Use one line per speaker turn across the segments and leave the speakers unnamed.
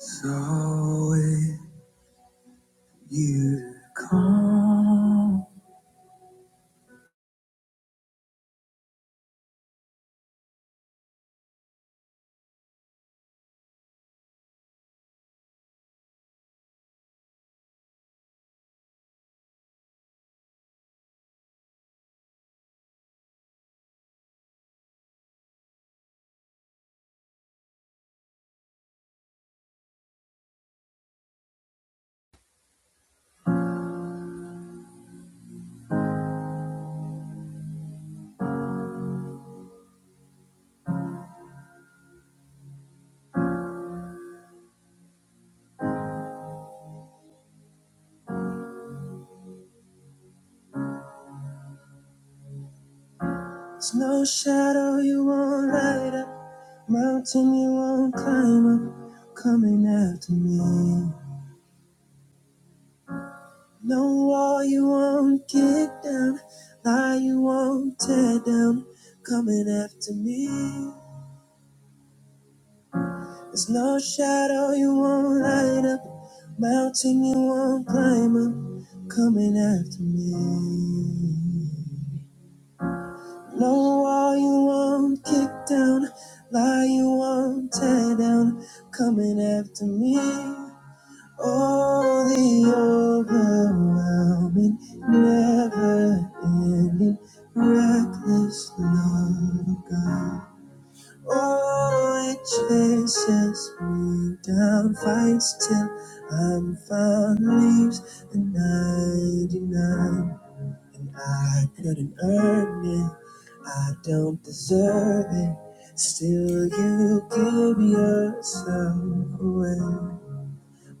So if you come, there's no shadow you won't light up, mountain you won't climb up, coming after me. No wall you won't kick down, lie you won't tear down, coming after me. There's no shadow you won't light up, mountain you won't climb up, coming after me. Blow all you want, kick down, lie you want, tear down, coming after me. Oh, the overwhelming, never ending, reckless love of God. Oh, it chases me down, fights till I'm found, leaves the 99. And I couldn't earn it, I don't deserve it. Still, you give yourself away.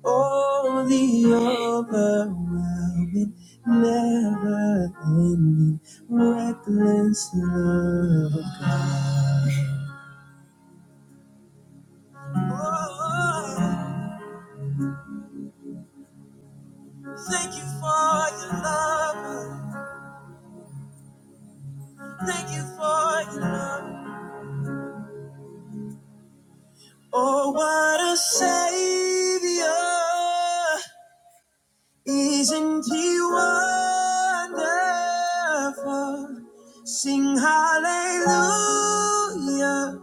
Oh, the overwhelming, never ending, reckless love. Oh, thank you for your love. Thank you for your love. Oh, what a savior. Isn't he wonderful? Sing hallelujah.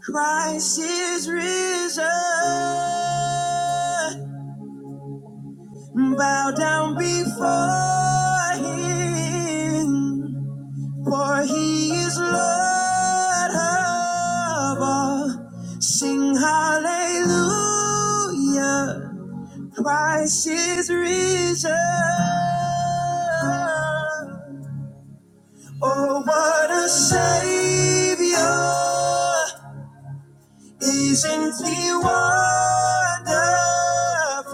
Christ is risen. Bow down before him. For he is Lord of all. Sing hallelujah. Christ is risen. Oh, what a savior! Isn't he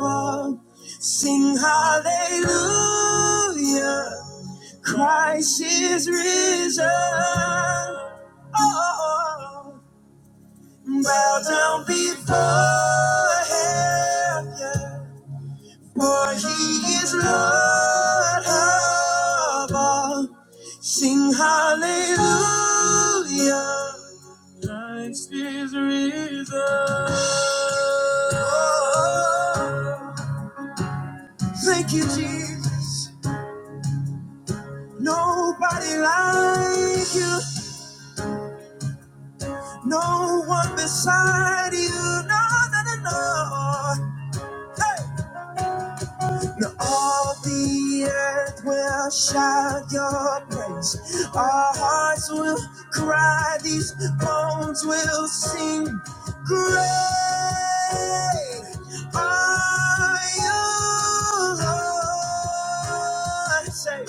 wonderful? Sing hallelujah! Christ is risen. Oh, bow down before him. yeah. For he is Lord of all. Sing hallelujah. Christ is risen. Thank you, Jesus. Nobody like you. No one beside you. No, no, no, no. Hey. Now all the earth will shout your praise. Our hearts will cry, these bones will sing. Great are you, Lord. Say,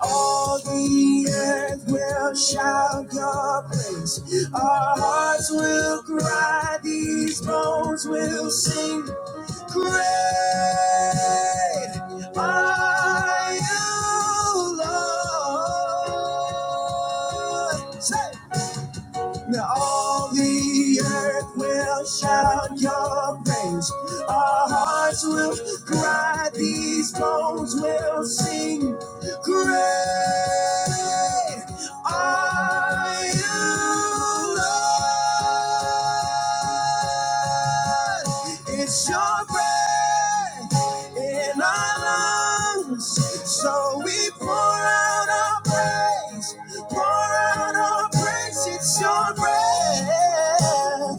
all the earth will shout your praise. Our hearts will cry, these bones will sing. Great are you, Lord. Say, now all the earth will shout your praise. Our hearts will cry, these bones will sing. Great are you, Lord. It's your breath in our lungs. So we pour out our praise, pour out our praise. It's your breath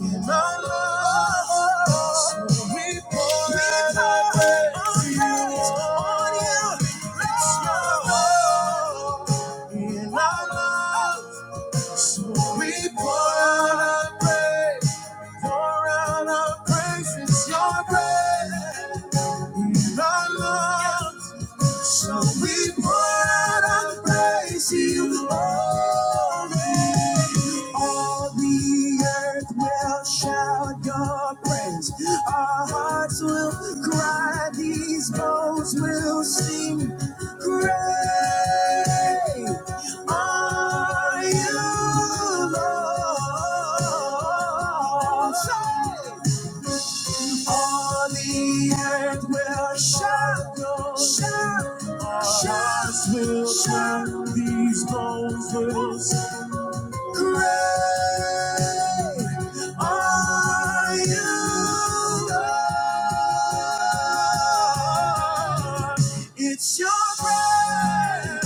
in our lungs. So we pour out our praise to you, on you. Let's go in our lungs. We pour out our praise, pour out our praise, it's your praise. In our lungs, so we pour out our praise to you only. All the earth will shout your praise. Our hearts will cry, these bones will sing. Great are you, Lord. Say, all the earth will shout, shout, shout, will shout. These bones will shout. Great are you, Lord. It's your breath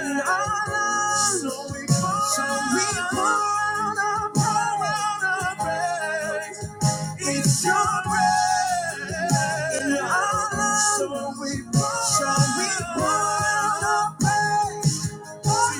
in our lungs. So we pour so we pour out pour out our praise. It's your breath in our lungs. So we pour so we pour out our praise. Oh,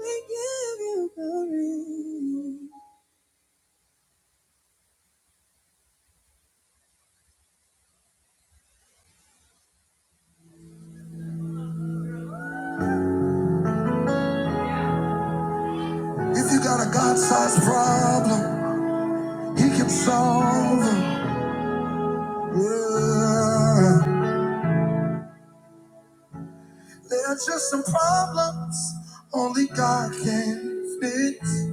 if you got a God sized problem, He can solve it. Yeah. There's just some problems only God can fix.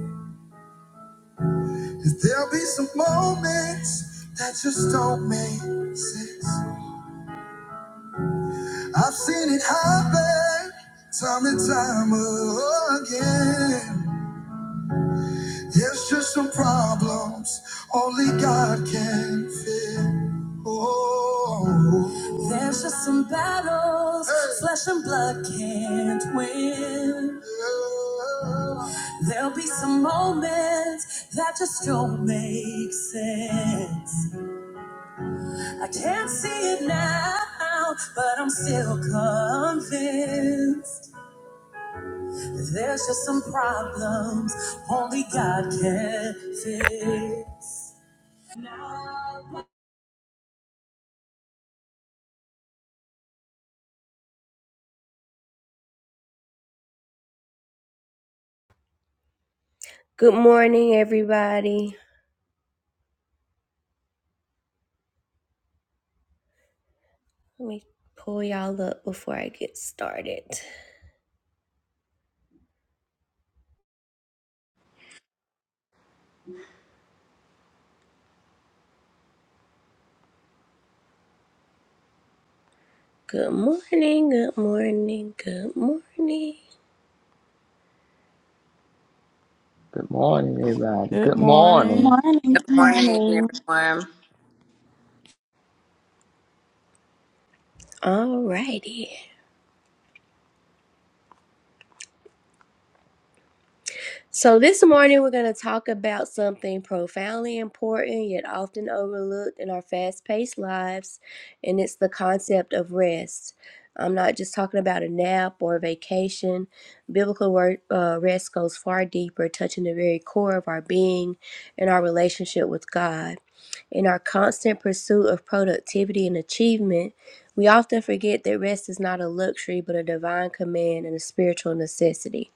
And There'll be some moments that just don't make sense. I've seen it happen time and time again. There's just some problems only God can fix. Oh, there's just some battles Hey. flesh and blood can't win. Yeah. There'll be some moments that just don't make sense. I can't see it now, but I'm still convinced. There's just some problems only God can fix. Good morning, everybody. Let me pull y'all up before I get started. Good morning, good morning, good morning.
Good morning, everybody.
Good
Good morning.
morning.
Morning,
Good morning,
morning.
everyone.
Alrighty. So, this morning we're going to talk about something profoundly important yet often overlooked in our fast paced lives, and it's the concept of rest. I'm not just talking about a nap or a vacation. Biblical word, uh, rest goes far deeper, touching the very core of our being and our relationship with God. In our constant pursuit of productivity and achievement, we often forget that rest is not a luxury but a divine command and a spiritual necessity.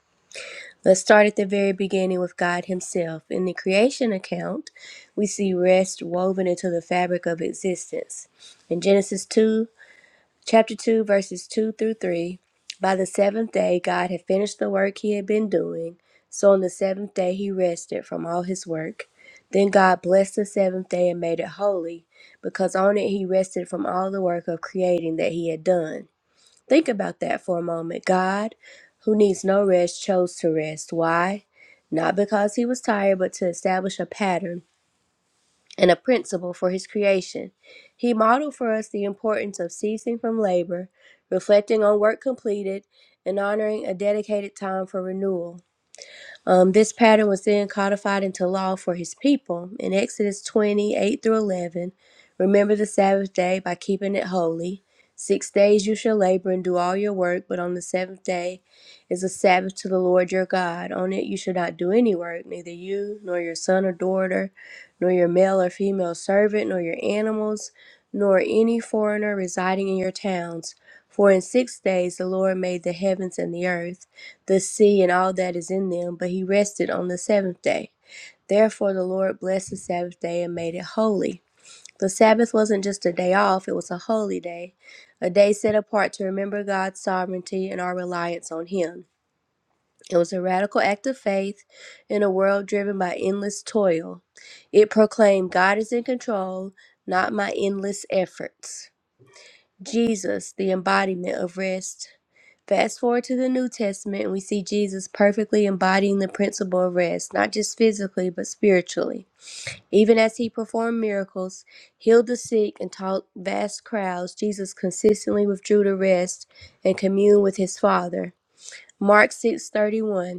Let's start at the very beginning with God Himself. In the creation account, we see rest woven into the fabric of existence. In Genesis 2, chapter 2, verses 2 through 3, by the seventh day, God had finished the work He had been doing. So on the seventh day, He rested from all His work. Then God blessed the seventh day and made it holy, because on it He rested from all the work of creating that He had done. Think about that for a moment. God, who needs no rest, chose to rest. Why? Not because he was tired, but to establish a pattern and a principle for his creation. He modeled for us the importance of ceasing from labor, reflecting on work completed, and honoring a dedicated time for renewal. Um, this pattern was then codified into law for his people. In Exodus twenty eight through 11, remember the Sabbath day by keeping it holy. Six days you shall labor and do all your work, but on the seventh day is a Sabbath to the Lord your God. On it you shall not do any work, neither you, nor your son or daughter, nor your male or female servant, nor your animals, nor any foreigner residing in your towns. For in six days the Lord made the heavens and the earth the sea and all that is in them, but he rested on the seventh day. Therefore, the Lord blessed the Sabbath day and made it holy. The Sabbath wasn't just a day off, it was a holy day, a day set apart to remember God's sovereignty and our reliance on Him. It was a radical act of faith in a world driven by endless toil. It proclaimed God is in control, not my endless efforts. Jesus, the embodiment of rest Fast forward to the New Testament, and we see Jesus perfectly embodying the principle of rest, not just physically, but spiritually. Even as he performed miracles, healed the sick, and taught vast crowds, Jesus consistently withdrew to rest and communed with his Father. Mark 6:31.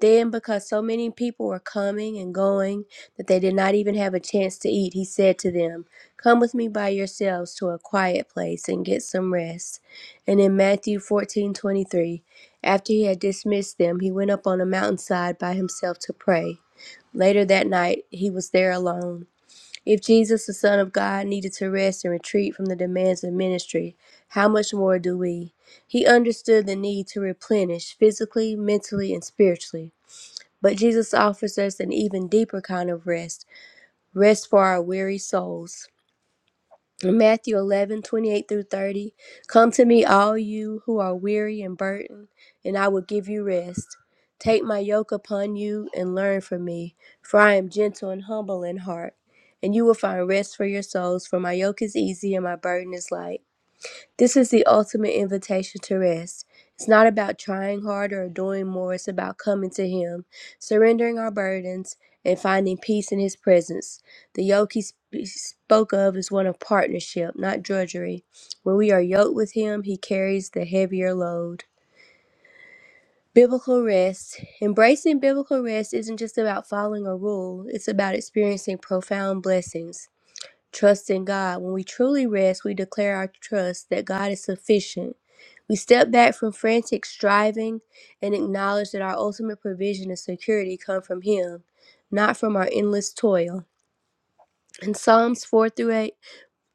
Then, because so many people were coming and going that they did not even have a chance to eat, he said to them, Come with me by yourselves to a quiet place and get some rest. And in Matthew fourteen twenty three, after he had dismissed them, he went up on a mountainside by himself to pray. Later that night, he was there alone. If Jesus, the Son of God, needed to rest and retreat from the demands of ministry, how much more do we? He understood the need to replenish physically, mentally, and spiritually. But Jesus offers us an even deeper kind of rest, rest for our weary souls. In Matthew 11:28 through 30, Come to me, all you who are weary and burdened, and I will give you rest. Take my yoke upon you and learn from me, for I am gentle and humble in heart, and you will find rest for your souls, for my yoke is easy and my burden is light. This is the ultimate invitation to rest. It's not about trying harder or doing more, it's about coming to Him, surrendering our burdens, and finding peace in His presence. The yoke He sp- spoke of is one of partnership, not drudgery. When we are yoked with Him, He carries the heavier load. Biblical rest. Embracing biblical rest isn't just about following a rule, it's about experiencing profound blessings. Trust in God. When we truly rest, we declare our trust that God is sufficient. We step back from frantic striving and acknowledge that our ultimate provision and security come from Him, not from our endless toil. In Psalms 4 through 8,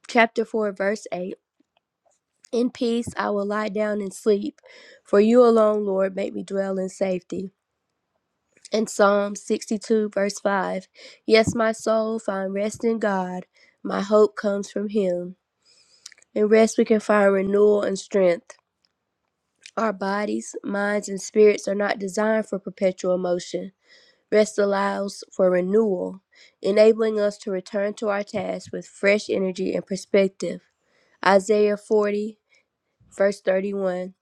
chapter 4, verse 8, in peace I will lie down and sleep, for you alone, Lord, make me dwell in safety. In Psalm 62, verse 5, yes, my soul, find rest in God. My hope comes from Him. In rest, we can find renewal and strength. Our bodies, minds, and spirits are not designed for perpetual motion. Rest allows for renewal, enabling us to return to our tasks with fresh energy and perspective. Isaiah 40, verse 31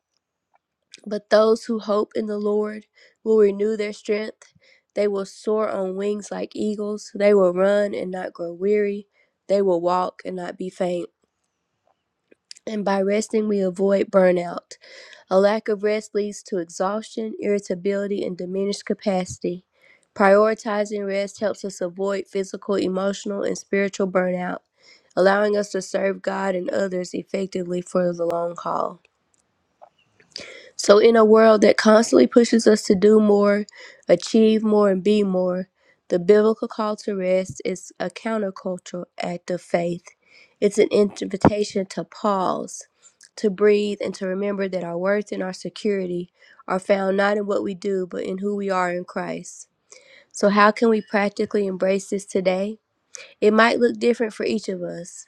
But those who hope in the Lord will renew their strength. They will soar on wings like eagles. They will run and not grow weary. They will walk and not be faint. And by resting, we avoid burnout. A lack of rest leads to exhaustion, irritability, and diminished capacity. Prioritizing rest helps us avoid physical, emotional, and spiritual burnout, allowing us to serve God and others effectively for the long haul. So, in a world that constantly pushes us to do more, achieve more, and be more, the biblical call to rest is a countercultural act of faith. It's an invitation to pause, to breathe, and to remember that our worth and our security are found not in what we do, but in who we are in Christ. So, how can we practically embrace this today? It might look different for each of us.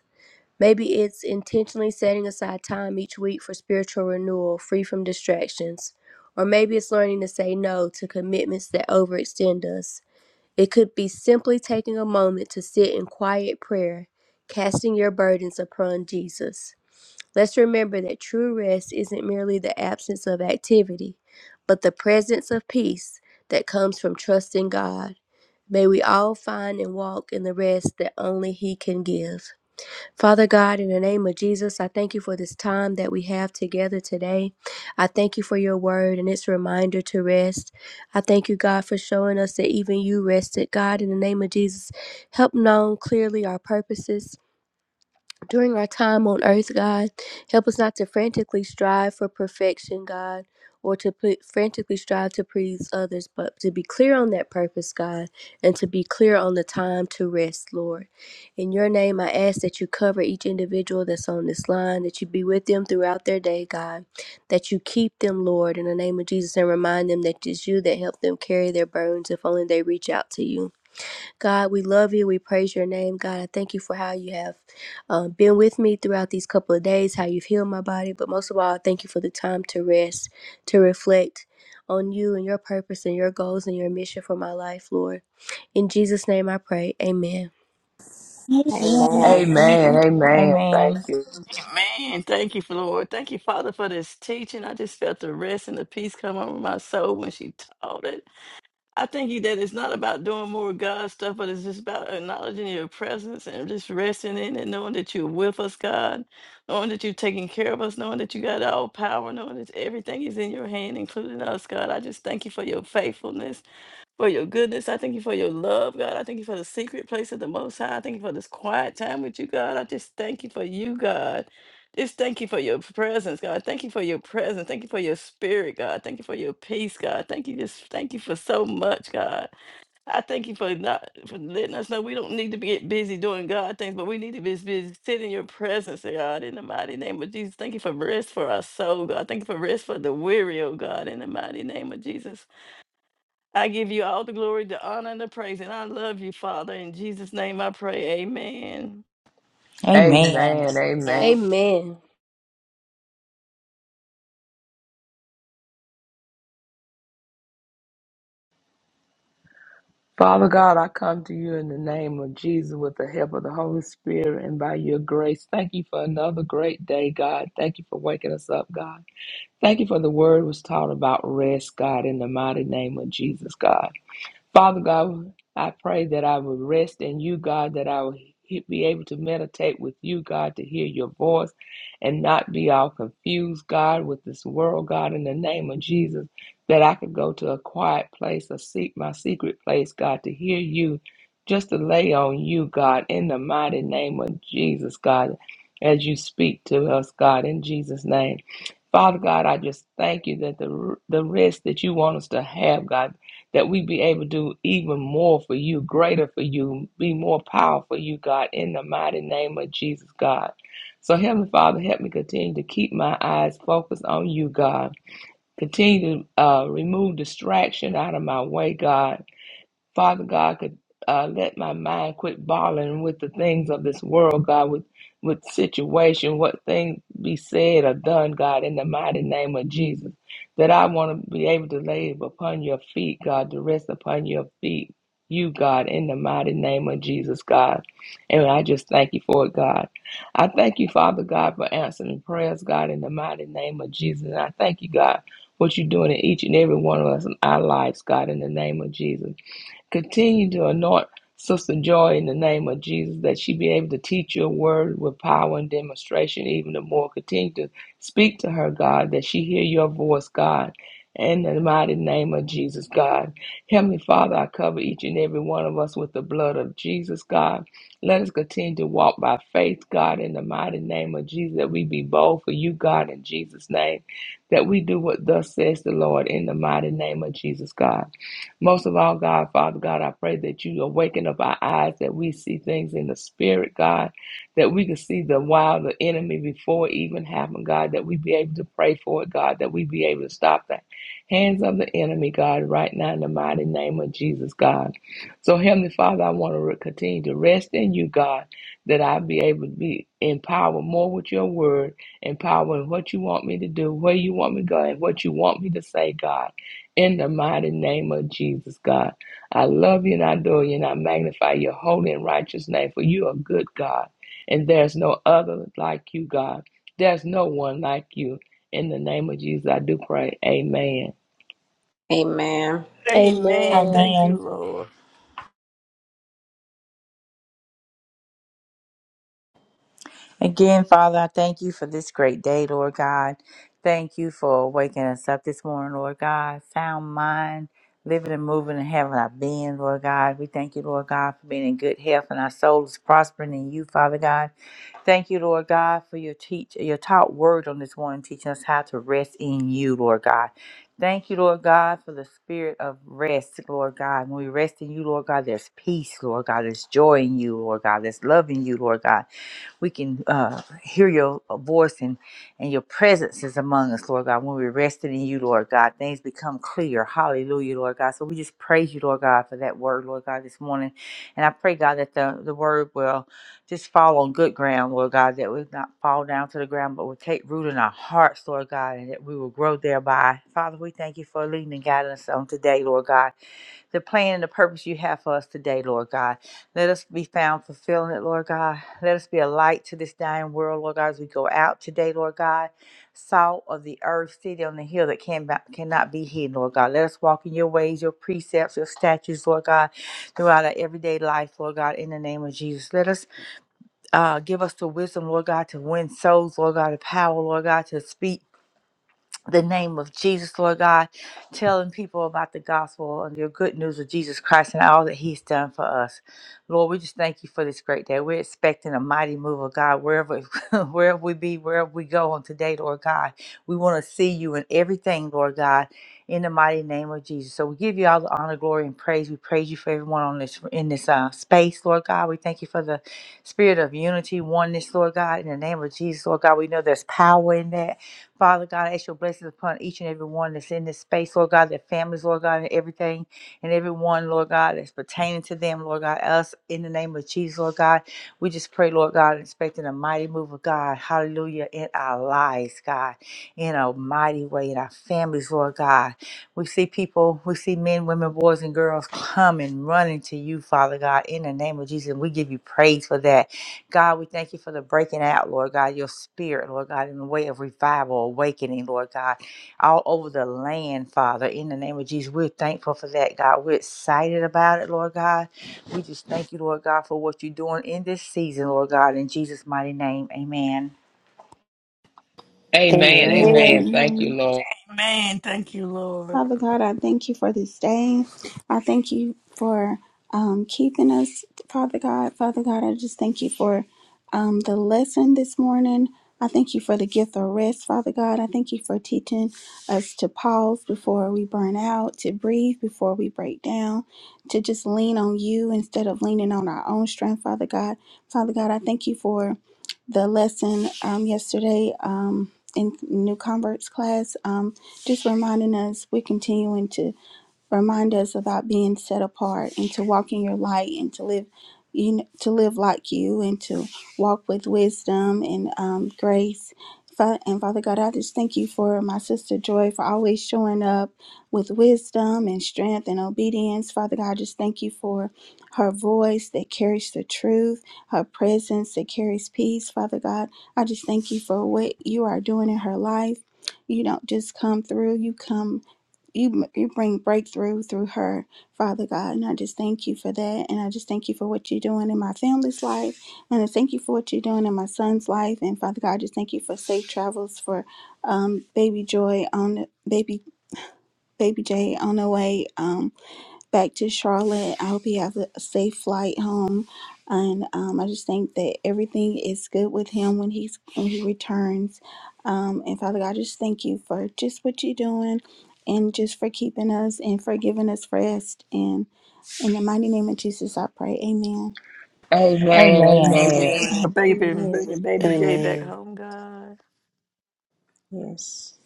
Maybe it's intentionally setting aside time each week for spiritual renewal, free from distractions. Or maybe it's learning to say no to commitments that overextend us. It could be simply taking a moment to sit in quiet prayer, casting your burdens upon Jesus. Let's remember that true rest isn't merely the absence of activity, but the presence of peace that comes from trusting God. May we all find and walk in the rest that only He can give. Father God, in the name of Jesus, I thank you for this time that we have together today. I thank you for your word and its reminder to rest. I thank you, God, for showing us that even you rested. God, in the name of Jesus, help known clearly our purposes during our time on earth, God. Help us not to frantically strive for perfection, God, or to put, frantically strive to please others, but to be clear on that purpose, God, and to be clear on the time to rest, Lord. In your name, I ask that you cover each individual that's on this line, that you be with them throughout their day, God, that you keep them, Lord, in the name of Jesus, and remind them that it's you that help them carry their burdens if only they reach out to you. God, we love you. We praise your name, God. I thank you for how you have um, been with me throughout these couple of days, how you've healed my body. But most of all, I thank you for the time to rest, to reflect on you and your purpose and your goals and your mission for my life, Lord. In Jesus' name I pray. Amen.
good morning.
Amen.
Amen.
Amen. Thank
Amen.
you.
Amen. Thank you, Lord. Thank you, Father, for this teaching. I just felt the rest and the peace come over my soul when she taught it. I thank you that it's not about doing more God stuff, but it's just about acknowledging your presence and just resting in it, knowing that you're with us, God, knowing that you're taking care of us, knowing that you got all power, knowing that everything is in your hand, including us, God. I just thank you for your faithfulness. for your goodness. I thank you for your love, God. I thank you for the secret place of the Most High. I thank you for this quiet time with you, God. I just thank you for you, God. Just thank you for your presence, God. Thank you for your presence. Thank you for your spirit, God. Thank you for your peace, God. Thank you. Just thank you for so much, God. I thank you for not for letting us know we don't need to be get busy doing God things, but we need to be busy sitting in your presence, God. In the mighty name of Jesus, thank you for rest for our soul, God. Thank you for rest for the weary, oh God. In the mighty name of Jesus. I give you all the glory, the honor, and the praise. And I love you, Father. In Jesus' name I pray. Amen.
Amen.
Amen. Amen.
And
Amen.
Father God, I come to you in the name of Jesus with the help of the Holy Spirit and by your grace. Thank you for another great day, God. Thank you for waking us up, God. Thank you for the word was taught about rest, God, in the mighty name of Jesus, God. Father God, I pray that I will rest in you, God, that I will he- be able to meditate with you, God, to hear your voice and not be all confused, God, with this world, God, in the name of Jesus, that I could go to a quiet place or seek my secret place, God, to hear you, just to lay on you, God, in the mighty name of Jesus, God, as you speak to us, God, in Jesus' name. Father God, I just thank you that the the rest that you want us to have, God that we be able to do even more for you, greater for you, be more powerful for you, God, in the mighty name of Jesus, God. So, Heavenly Father, help me continue to keep my eyes focused on you, God. Continue to uh, remove distraction out of my way, God. Father God could uh, let my mind quit boggling with the things of this world, God, with with situation, what things be said or done, God, in the mighty name of Jesus. That I want to be able to lay upon your feet, God, to rest upon your feet, you, God, in the mighty name of Jesus, God. And I just thank you for it, God. I thank you, Father God, for answering prayers, God, in the mighty name of Jesus. And I thank you, God, what you're doing in each and every one of us in our lives, God, in the name of Jesus. Continue to anoint Sister Joy in the name of Jesus that she be able to teach your word with power and demonstration even the more. Continue to speak to her, God, that she hear your voice, God. In the mighty name of Jesus, God. Heavenly Father, I cover each and every one of us with the blood of Jesus, God. Let us continue to walk by faith, God, in the mighty name of Jesus, that we be bold for you, God, in Jesus' name, that we do what thus says the Lord in the mighty name of Jesus, God. Most of all, God, Father God, I pray that you awaken up our eyes, that we see things in the spirit, God, that we can see the wow, the enemy before it even happened, God, that we be able to pray for it, God, that we be able to stop the hands of the enemy, God, right now in the mighty name of Jesus, God. So, Heavenly Father, I want to re- continue to rest in you, God, that I be able to be empowered more with your word, empowered in what you want me to do, where you want me to go, and what you want me to say, God in the mighty name of Jesus, God. I love you and I adore you and I magnify your holy and righteous name, for you are good, God. And there's no other like you, God. There's no one like you. In the name of Jesus, I do pray. Amen.
amen.
Amen.
Amen.
Thank you,
Amen.
Lord.
Again, Father, I thank you for this great day, Lord God. Thank you for waking us up this morning, Lord God. Sound mind, living and moving and having our being, Lord God. We thank you, Lord God, for being in good health and our soul is prospering in you, Father God. Thank you, Lord God, for your teach your taught word on this morning, teaching us how to rest in you, Lord God. Thank you, Lord God, for the spirit of rest, Lord God. When we rest in you, Lord God, there's peace, Lord God. There's joy in you, Lord God. There's love in you, Lord God we can uh, hear your uh, voice and, and your presence is among us, Lord God. When we're resting in you, Lord God, things become clear. Hallelujah, Lord God. So we just praise you, Lord God, for that word, Lord God, this morning. And I pray, God, that the, the word will just fall on good ground, Lord God, that we not fall down to the ground, but will take root in our hearts, Lord God, and that we will grow thereby. Father, we thank you for leading and guiding us on today, Lord God the plan and the purpose you have for us today, Lord God. Let us be found fulfilling it, Lord God. Let us be a light to this dying world, Lord God, as we go out today, Lord God. Salt of the earth, city on the hill that can, cannot be hidden, Lord God. Let us walk in your ways, your precepts, your statutes, Lord God, throughout our everyday life, Lord God, in the name of Jesus. Let us uh, give us the wisdom, Lord God, to win souls, Lord God, the power, Lord God, to speak the name of Jesus, Lord God, telling people about the gospel and your good news of Jesus Christ and all that He's done for us. Lord, we just thank you for this great day. We're expecting a mighty move of God wherever wherever we be, wherever we go on today, Lord God. We want to see you in everything, Lord God, in the mighty name of Jesus. So we give you all the honor, glory, and praise. We praise you for everyone on this in this uh, space, Lord God. We thank you for the spirit of unity, oneness, Lord God. In the name of Jesus, Lord God, we know there's power in that. Father God, I ask your blessings upon each and every one that's in this space, Lord God, their families, Lord God, and everything and everyone, Lord God, that's pertaining to them, Lord God, us in the name of Jesus, Lord God. We just pray, Lord God, expecting a mighty move of God, hallelujah, in our lives, God, in a mighty way, in our families, Lord God. We see people, we see men, women, boys, and girls coming, running to you, Father God, in the name of Jesus. And we give you praise for that. God, we thank you for the breaking out, Lord God, your spirit, Lord God, in the way of revival, awakening, Lord God, all over the land, Father, in the name of Jesus. We're thankful for that, God. We're excited about it, Lord God. We just thank you, Lord God, for what you're doing in this season, Lord God, in Jesus' mighty name. Amen.
Amen.
Amen.
Amen.
Amen.
amen.
Thank you, Lord.
Amen. Thank you, Lord.
Father God, I thank you for this day. I thank you for um, keeping us, Father God. Father God, I just thank you for um, the lesson this morning. I thank you for the gift of rest, Father God. I thank you for teaching us to pause before we burn out, to breathe before we break down, to just lean on you instead of leaning on our own strength, Father God. Father God, I thank you for the lesson um, yesterday um, in New Converts class. Um, just reminding us we're continuing to Remind us about being set apart and to walk in your light and to live, you know, to live like you and to walk with wisdom and um, grace. Fa- And Father God, I just thank you for my sister Joy for always showing up with wisdom and strength and obedience. Father God, I just thank you for her voice that carries the truth, her presence that carries peace. Father God, I just thank you for what you are doing in her life. You don't just come through, you come you you bring breakthrough through her, Father God. And I just thank you for that. And I just thank you for what you're doing in my family's life. And I thank you for what you're doing in my son's life. And Father God, I just thank you for safe travels for um, baby Joy on baby baby Jay on the way. Um, back to Charlotte. I hope you have a safe flight home, and um, I just think that everything is good with him when he's when he returns. Um, and Father God, I just thank you for just what you're doing, and just for keeping us and for giving us rest. And in the mighty name of Jesus, I pray. Amen.
Amen.
Amen.
Amen.
Amen.
Thank you
Amen.
for baby and
Amen.
bringing baby J back
Amen.
home, God.
Yes.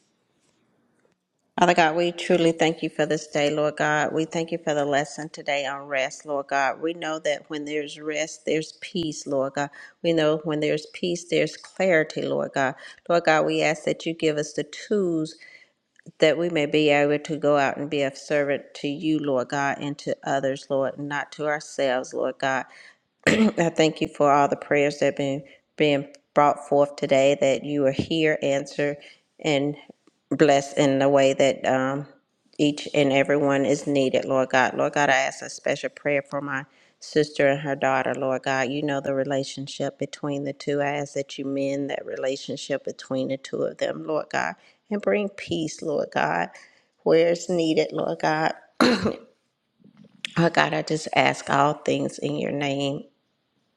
Father God, we truly thank you for this day, Lord God. We thank you for the lesson today on rest, Lord God. We know that when there's rest, there's peace, Lord God. We know when there's peace, there's clarity, Lord God. Lord God, we ask that you give us the tools that we may be able to go out and be of servant to you, Lord God, and to others, Lord, and not to ourselves, Lord God. I thank you for all the prayers that have been being brought forth today, that you are here, answer, and bless in the way that um, each and everyone is needed, Lord God. Lord God, I ask a special prayer for my sister and her daughter, Lord God. You know the relationship between the two. I ask that you mend that relationship between the two of them, Lord God, and bring peace, Lord God, where it's needed, Lord God. Oh God, I just ask all things in your name.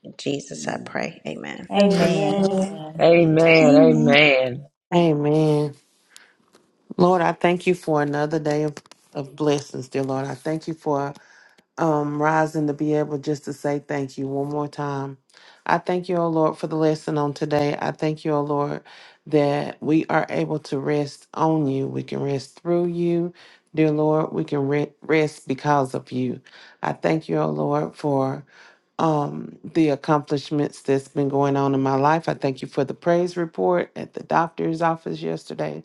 In Jesus, I pray. Amen.
Amen.
Amen.
Amen.
Amen.
Amen.
Amen.
Amen. Lord, I thank you for another day of, of blessings, dear Lord. I thank you for um rising to be able just to say thank you one more time. I thank you, O Lord, for the lesson on today. I thank you, O Lord, that we are able to rest on you. We can rest through you, dear Lord. We can re- rest because of you. I thank you, O Lord, for um, the accomplishments that's been going on in my life. I thank you for the praise report at the doctor's office yesterday.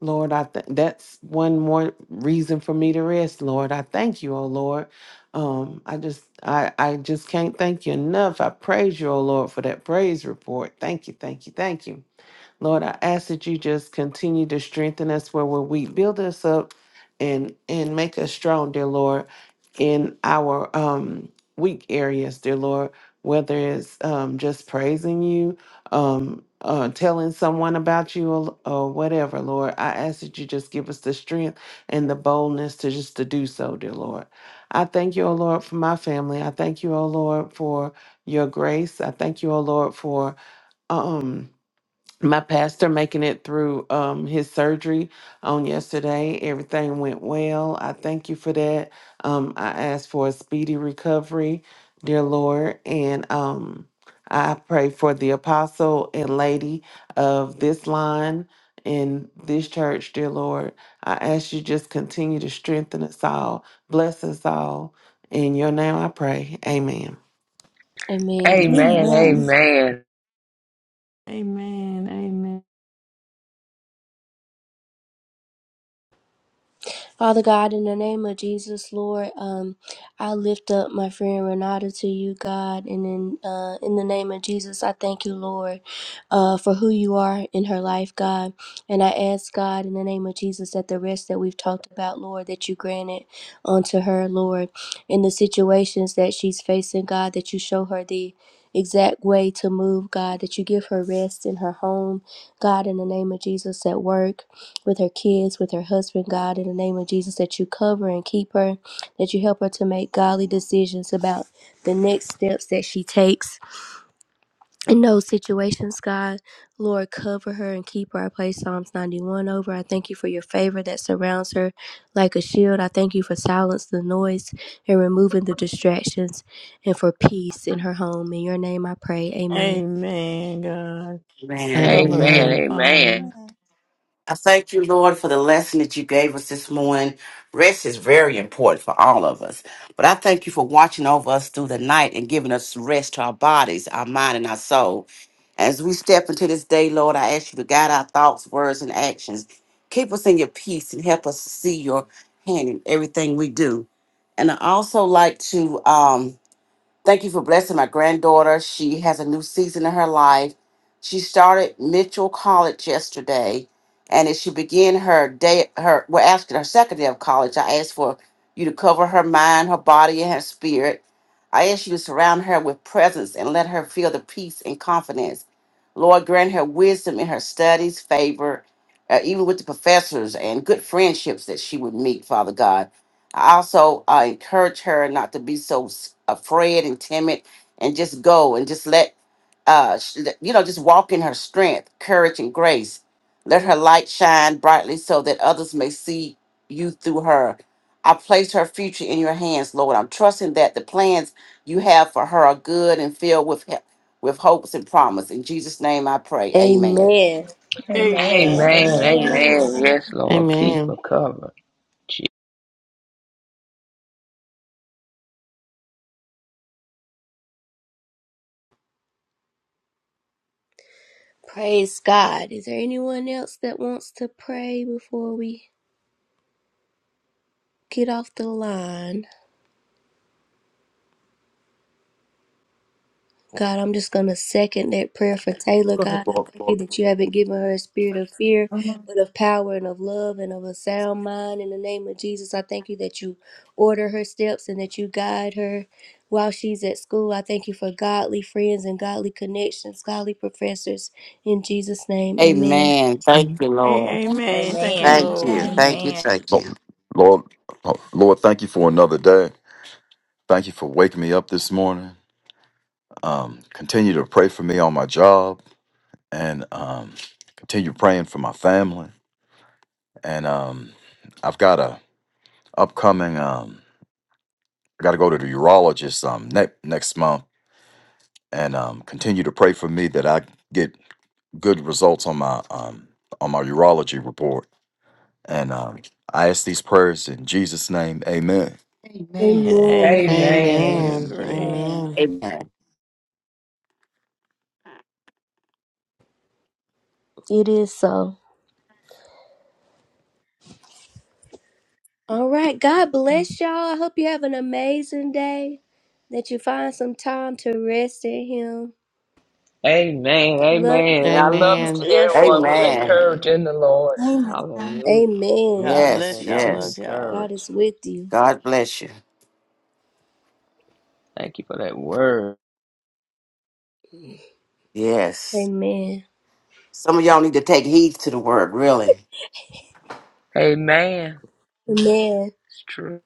Lord, I th- that's one more reason for me to rest. Lord, I thank you, oh Lord. Um, I just I I just can't thank you enough. I praise you, oh Lord, for that praise report. Thank you, thank you, thank you. Lord, I ask that you just continue to strengthen us where we're weak. Build us up and and make us strong, dear Lord in our um weak areas, dear Lord, whether it's um just praising you, um uh telling someone about you or, or whatever, Lord. I ask that you just give us the strength and the boldness to just to do so, dear Lord. I thank you, O Lord, for my family. I thank you, O Lord, for your grace. I thank you, O Lord, for um my pastor making it through um, his surgery on yesterday. Everything went well. I thank you for that. Um, I ask for a speedy recovery, dear Lord. And um, I pray for the apostle and lady of this line in this church, dear Lord. I ask you just continue to strengthen us all, bless us all. In your name I pray. Amen.
Amen. Amen.
Amen.
Amen.
Amen.
Amen.
Amen. Amen.
Father God, in the name of Jesus, Lord, um, I lift up my friend Renata to you, God, and in uh, in the name of Jesus, I thank you, Lord, uh, for who you are in her life, God, and I ask God in the name of Jesus that the rest that we've talked about, Lord, that you grant it unto her, Lord, in the situations that she's facing, God, that you show her the exact way to move, God, that you give her rest in her home, God, in the name of Jesus, at work with her kids, with her husband, God, in the name of Jesus, that you cover and keep her, that you help her to make godly decisions about the next steps that she takes in those situations, God. Lord, cover her and keep her. I play Psalms 91 over. I thank you for your favor that surrounds her like a shield. I thank you for silence the noise and removing the distractions and for peace in her home. In your name I pray. Amen.
Amen, God.
Amen.
Man,
Cover her,
Amen.
Amen.
Father.
I thank you, Lord, for the lesson that you gave us this morning. Rest is very important for all of us. But I thank you for watching over us through the night and giving us rest to our bodies, our mind, and our soul. As we step into this day, Lord, I ask you to guide our thoughts, words, and actions. Keep us in your peace and help us to see your hand in everything we do. And I also like to. Um, Thank you for blessing my granddaughter. She has a new season in her life. She started Mitchell College yesterday, and as she began her day, her we're asking her second day of college. I asked for you to cover her mind, her body, and her spirit. I asked you to surround her with presence and let her feel the peace and confidence. Lord, grant her wisdom in her studies, favor, uh, even with the professors, and good friendships that she would meet. Father God. I also uh, encourage her not to be so s- afraid and timid and just go and just let, uh, sh- let- you know, just walk in her strength, courage, and grace. Let her light shine brightly so that others may see you through her. I place her future in your hands, Lord. I'm trusting that the plans you have for her are good and filled with he- with hopes and promise. In Jesus' name I pray. Amen.
Amen.
Amen.
Amen.
Thank
Amen.
you,
Amen.
Amen.
Amen.
Lord.
Yes, Lord. Keep a
Amen.
cover.
Praise God. Is there anyone else that wants to pray before we? Get off the line. God, I'm just going to second that prayer for Taylor.
Lord,
God, I thank you
Lord,
that you haven't given her a spirit of fear, but of power and of love and of a sound mind. In the name of Jesus, I thank you that you order her steps and that you guide her while she's at school. I thank you for godly friends and godly connections, godly professors. In Jesus' name, amen.
Amen. Thank you, Lord.
A-
Amen.
Amen. Thank you,
Amen.
Thank you.
Lord.
Amen.
Thank you.
Amen.
Thank
Lord,
you.
Lord, Lord, thank you for another day. Thank you for waking me up this morning. Um, continue to pray for me on my job and um, continue praying for my family. And um, I've got a upcoming, um, I got to go to the urologist um, ne- next month and um, continue to pray for me that I get good results on my um, on my urology report. And um, I ask these prayers in Jesus' name. Amen.
And
Amen.
Amen.
amen. We
Amen.
Amen.
agree.
Amen.
Amen.
Amen.
It is so. All right. God bless y'all. I hope you have an amazing day. That you find some time to rest in Him.
Amen.
Love you
Amen. I love
guys.
each
Amen.
and every
Yes,
one.
Lord.
Be
Amen.
encouraged
Amen.
in the Lord.
Amen. Amen.
Hallelujah.
Amen.
God
Yes,
Yes,
bless y'all.
be
Love
yes.
y'all.
God
encouraged.
is with you.
God bless you.
Thank you for that word.
Yes.
Amen.
Some of y'all need to take heed to the word, really.
Amen.
Amen.
It's true.